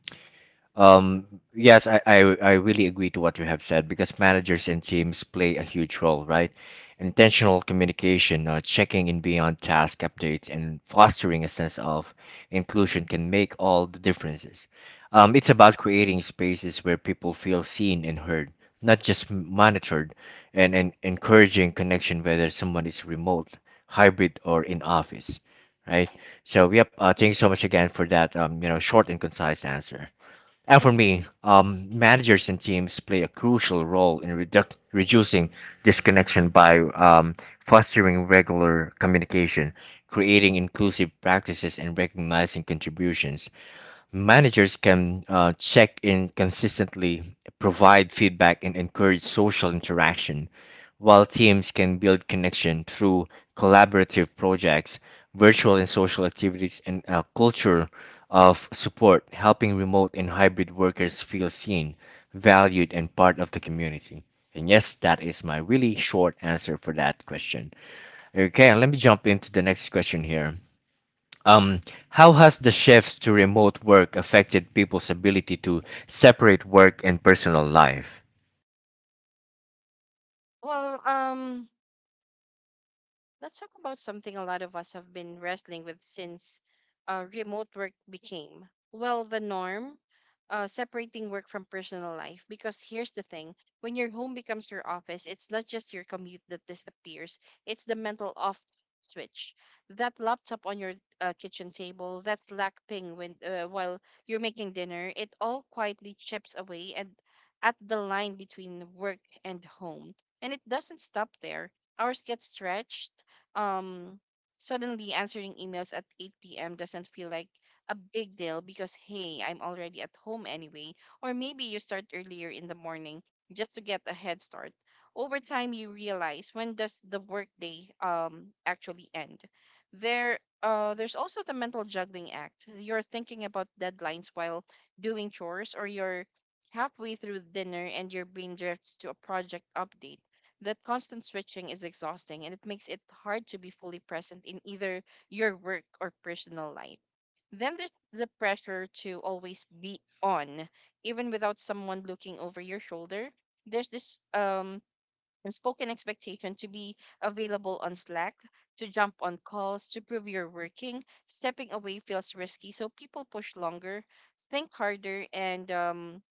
A: Um, yes, I really agree to what you have said because managers and teams play a huge role, right? Intentional communication, checking in beyond task updates, and fostering a sense of inclusion can make all the differences. It's about creating spaces where people feel seen and heard, not just monitored, and encouraging connection whether someone is remote, hybrid, or in office, right? So, yep, thank you so much again for that, you know, short and concise answer. And for me, managers and teams play a crucial role in reducing disconnection by fostering regular communication, creating inclusive practices, and recognizing contributions. Managers can check in consistently, provide feedback, and encourage social interaction, while teams can build connection through collaborative projects, virtual and social activities, and a culture of support, helping remote and hybrid workers feel seen, valued, and part of the community. And yes, that is my really short answer for that question. Okay, let me jump into the next question here. Um, how has the shift to remote work affected people's ability to separate work and personal life?
B: Well, let's talk about something a lot of us have been wrestling with since remote work became, well, the norm, separating work from personal life. Because here's the thing, when your home becomes your office, it's not just your commute that disappears, it's the mental off switch. That laptop on your kitchen table, that Slack ping when, while you're making dinner, it all quietly chips away and at the line between work and home. And it doesn't stop there. Hours get stretched, um suddenly answering emails at 8 p.m. doesn't feel like a big deal because hey, I'm already at home anyway, or maybe you start earlier in the morning just to get a head start. Over time you realize, when does the workday actually end? There's also the mental juggling act. You're thinking about deadlines while doing chores, or you're halfway through dinner and your brain drifts to a project update. That constant switching is exhausting, and it makes it hard to be fully present in either your work or personal life. Then there's the pressure to always be on, even without someone looking over your shoulder. There's this unspoken expectation to be available on Slack, to jump on calls, to prove you're working. Stepping away feels risky, so people push longer, think harder, and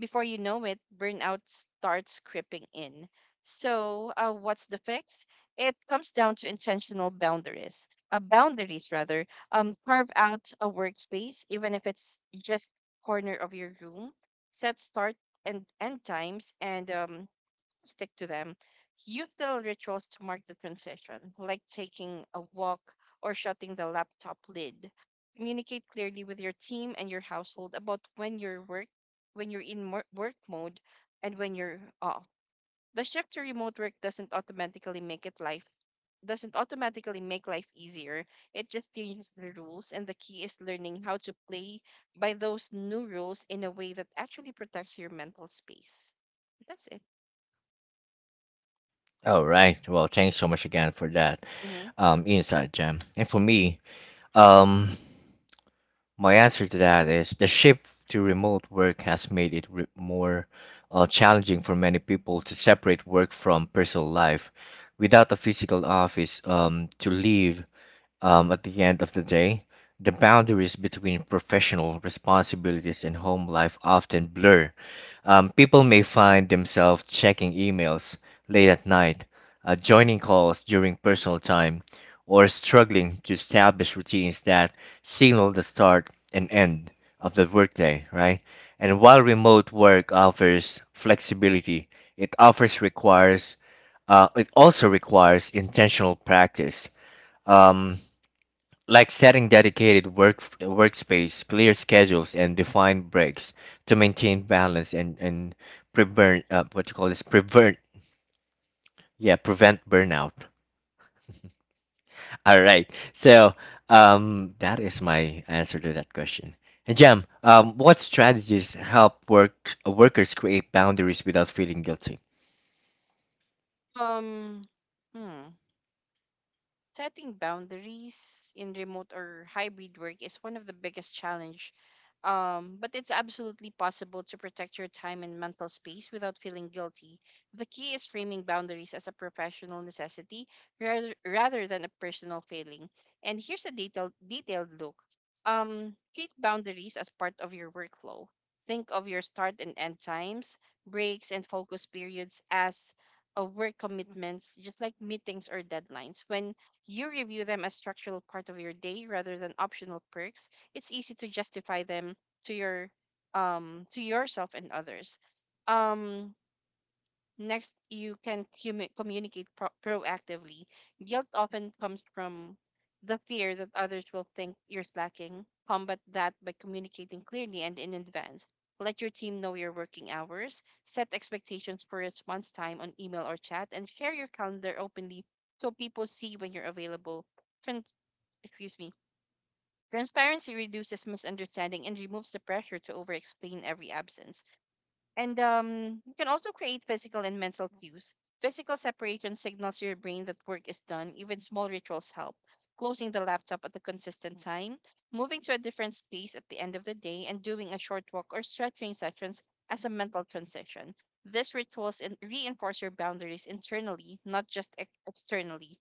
B: before you know it, burnout starts creeping in. So, what's the fix? It comes down to intentional boundaries, boundaries rather. Carve out a workspace, even if it's just corner of your room. Set start and end times, and stick to them, use little rituals to mark the transition, like taking a walk or shutting the laptop lid. Communicate clearly with your team and your household about when you're work, when you're in mo- work mode, and when you're off. The shift to remote work doesn't automatically make it life doesn't automatically make life easier. It just changes the rules, and the key is learning how to play by those new rules in a way that actually protects your mental space. That's
A: All right. Well, thanks so much again for that
B: it.
A: insight, Jem. And for me, um, my answer to that is the shift to remote work has made it more challenging for many people to separate work from personal life. Without a physical office to leave at the end of the day, the boundaries between professional responsibilities and home life often blur. People may find themselves checking emails late at night, joining calls during personal time, or struggling to establish routines that signal the start and end of the workday, right? And while remote work offers flexibility, it offers requires it also requires intentional practice. Um, like setting dedicated work workspace, clear schedules, and defined breaks to maintain balance and prevent what you call this prevent yeah prevent burnout. *laughs* All right, so that is my answer to that question. And Jam, what strategies help work workers create boundaries without feeling guilty?
B: Um, hmm. Setting boundaries in remote or hybrid work is one of the biggest challenge. But it's absolutely possible to protect your time and mental space without feeling guilty. The key is framing boundaries as a professional necessity rather than a personal failing. And here's a detailed look. Treat boundaries as part of your workflow. Think of your start and end times, breaks, and focus periods as a work commitments, just like meetings or deadlines. When you review them as structural part of your day rather than optional perks, it's easy to justify them to yourself and others. Um Next, you can communicate proactively. Guilt often comes from the fear that others will think you're slacking. Combat that by communicating clearly and in advance. Let your team know your working hours, set expectations for response time on email or chat, and share your calendar openly so people see when you're available. Trans- Excuse me. Transparency reduces misunderstanding and removes the pressure to over explain every absence. And you can also create physical and mental cues. Physical separation signals to your brain that work is done. Even small rituals help. Closing the laptop at a consistent time, moving to a different space at the end of the day, and doing a short walk or stretching sessions as a mental transition. These rituals reinforce your boundaries internally, not just externally.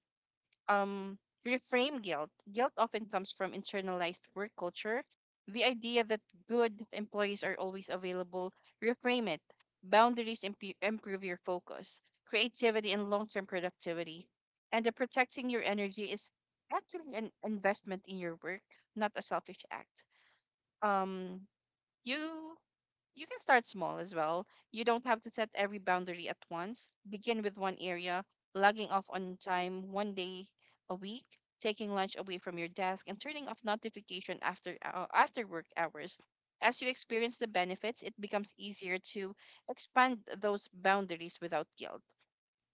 B: um, reframe guilt. Guilt often comes from internalized work culture. The idea that good employees are always available, reframe it. Boundaries improve your focus, creativity, and long term productivity. And the protecting your energy is actually an investment in your work, not a selfish act. Um, you you can start small as well. You don't have to set every boundary at once. Begin with one area, logging off on time one day a week, taking lunch away from your desk, and turning off notification after work hours. As you experience the benefits, it becomes easier to expand those boundaries without guilt.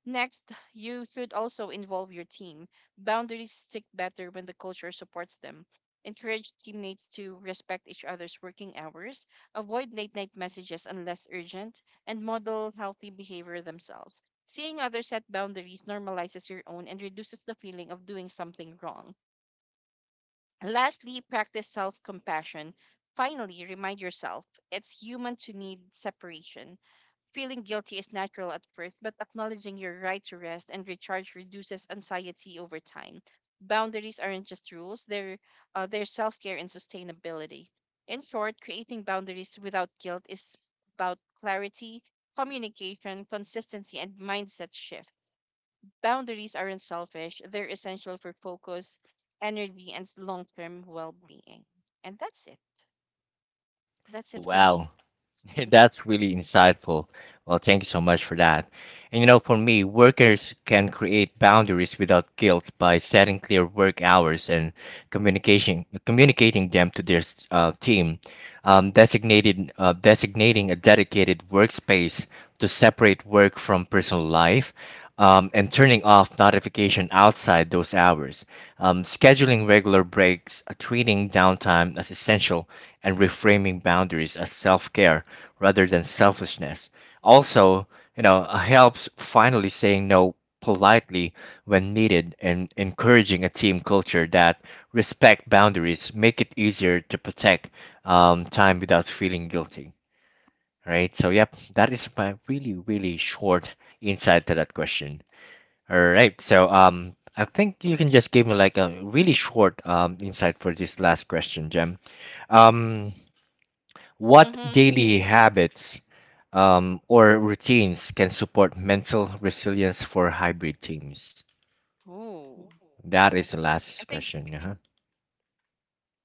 B: Next, you should also involve your team. Boundaries stick better when the culture supports them. Encourage teammates to respect each other's working hours, avoid late night messages unless urgent, and model healthy behavior themselves. Seeing others set boundaries normalizes your own and reduces the feeling of doing something wrong. Lastly, practice self compassion. Finally, remind yourself, it's human to need separation. Feeling guilty is natural at first, but acknowledging your right to rest and recharge reduces anxiety over time. Boundaries aren't just rules, they're self care and sustainability. In short, creating boundaries without guilt is about clarity, communication, consistency, and mindset shift. Boundaries aren't selfish, they're essential for focus, energy, and long term well being. And that's it. That's it for
A: Wow.
B: me.
A: *laughs* That's really insightful. Well, thank you so much for that. And you know, for me, workers can create boundaries without guilt by setting clear work hours and communicating them to their team, designating a dedicated workspace to separate work from personal life, and turning off notification outside those hours, scheduling regular breaks, treating downtime as essential, and reframing boundaries as self care rather than selfishness. Also, you know, helps finally saying no politely when needed, and encouraging a team culture that respect boundaries make it easier to protect time without feeling guilty, right? So yep, that is my really really short insight to that question. All right. So I think you can just give me like a really short insight for this last question, Jem. Um, what
B: Mm-hmm.
A: daily habits or routines can support mental resilience for hybrid teams?
B: Oh, good
A: That is the
B: question. I
A: last
B: think.
A: question. Uh-huh.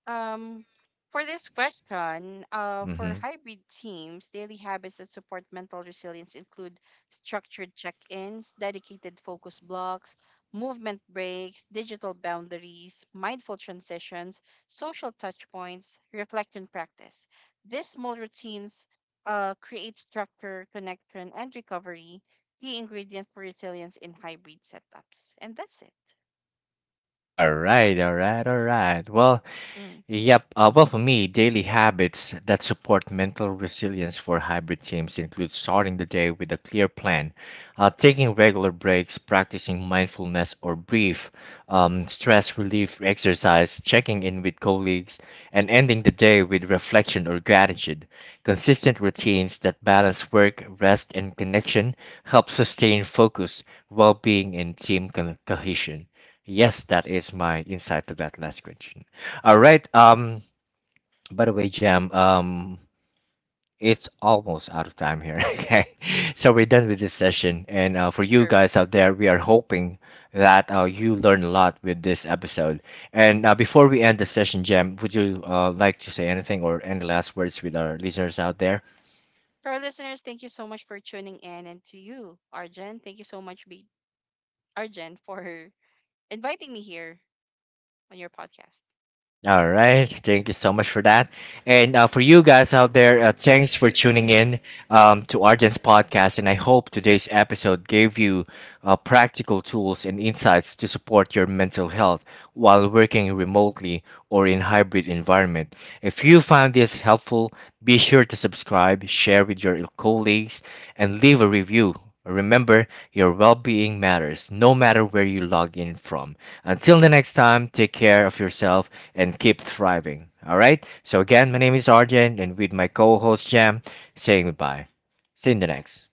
B: Um, for this question, for
A: Mm-hmm.
B: hybrid teams, daily habits that support mental resilience include structured check-ins, dedicated focus blocks, movement breaks, digital boundaries, mindful transitions, social touch points, reflection practice. These small routines create structure, connection, and recovery, key ingredients for resilience in hybrid setups. And that's it.
A: All right, all right, all right. Well,
B: Mm.
A: yep. Well, for me, daily habits that support mental resilience for hybrid teams include starting the day with a clear plan, taking regular breaks, practicing mindfulness or brief stress relief exercise, checking in with colleagues, and ending the day with reflection or gratitude. Consistent routines that balance work, rest, and connection help sustain focus, well being, and team cohesion. Yes, that is my insight to that last question. All right. By the way, Jam. It's almost out of time here. *laughs* Okay. So we're done with this session, and for you
B: Sure.
A: guys out there, we are hoping that you learned a lot with this episode. And before we end the session, Jam, would you like to say anything or any last words with our listeners out there?
B: To our listeners, thank you so much for tuning in. And to you, Arjen, thank you so much, Arjen, for *laughs* inviting me here on your podcast.
A: All right. Thank you so much for that. And for you guys out there, thanks for tuning in to Arden's podcast. And I hope today's episode gave you practical tools and insights to support your mental health while working remotely or in hybrid environment. If you found this helpful, be sure to subscribe, share with your colleagues, and leave a review. Remember, your well-being matters no matter where you log in from. Until the next time, take care of yourself and keep thriving. All right. So, again, my name is Arjen, and with my co host Jam, saying goodbye. See you in the next.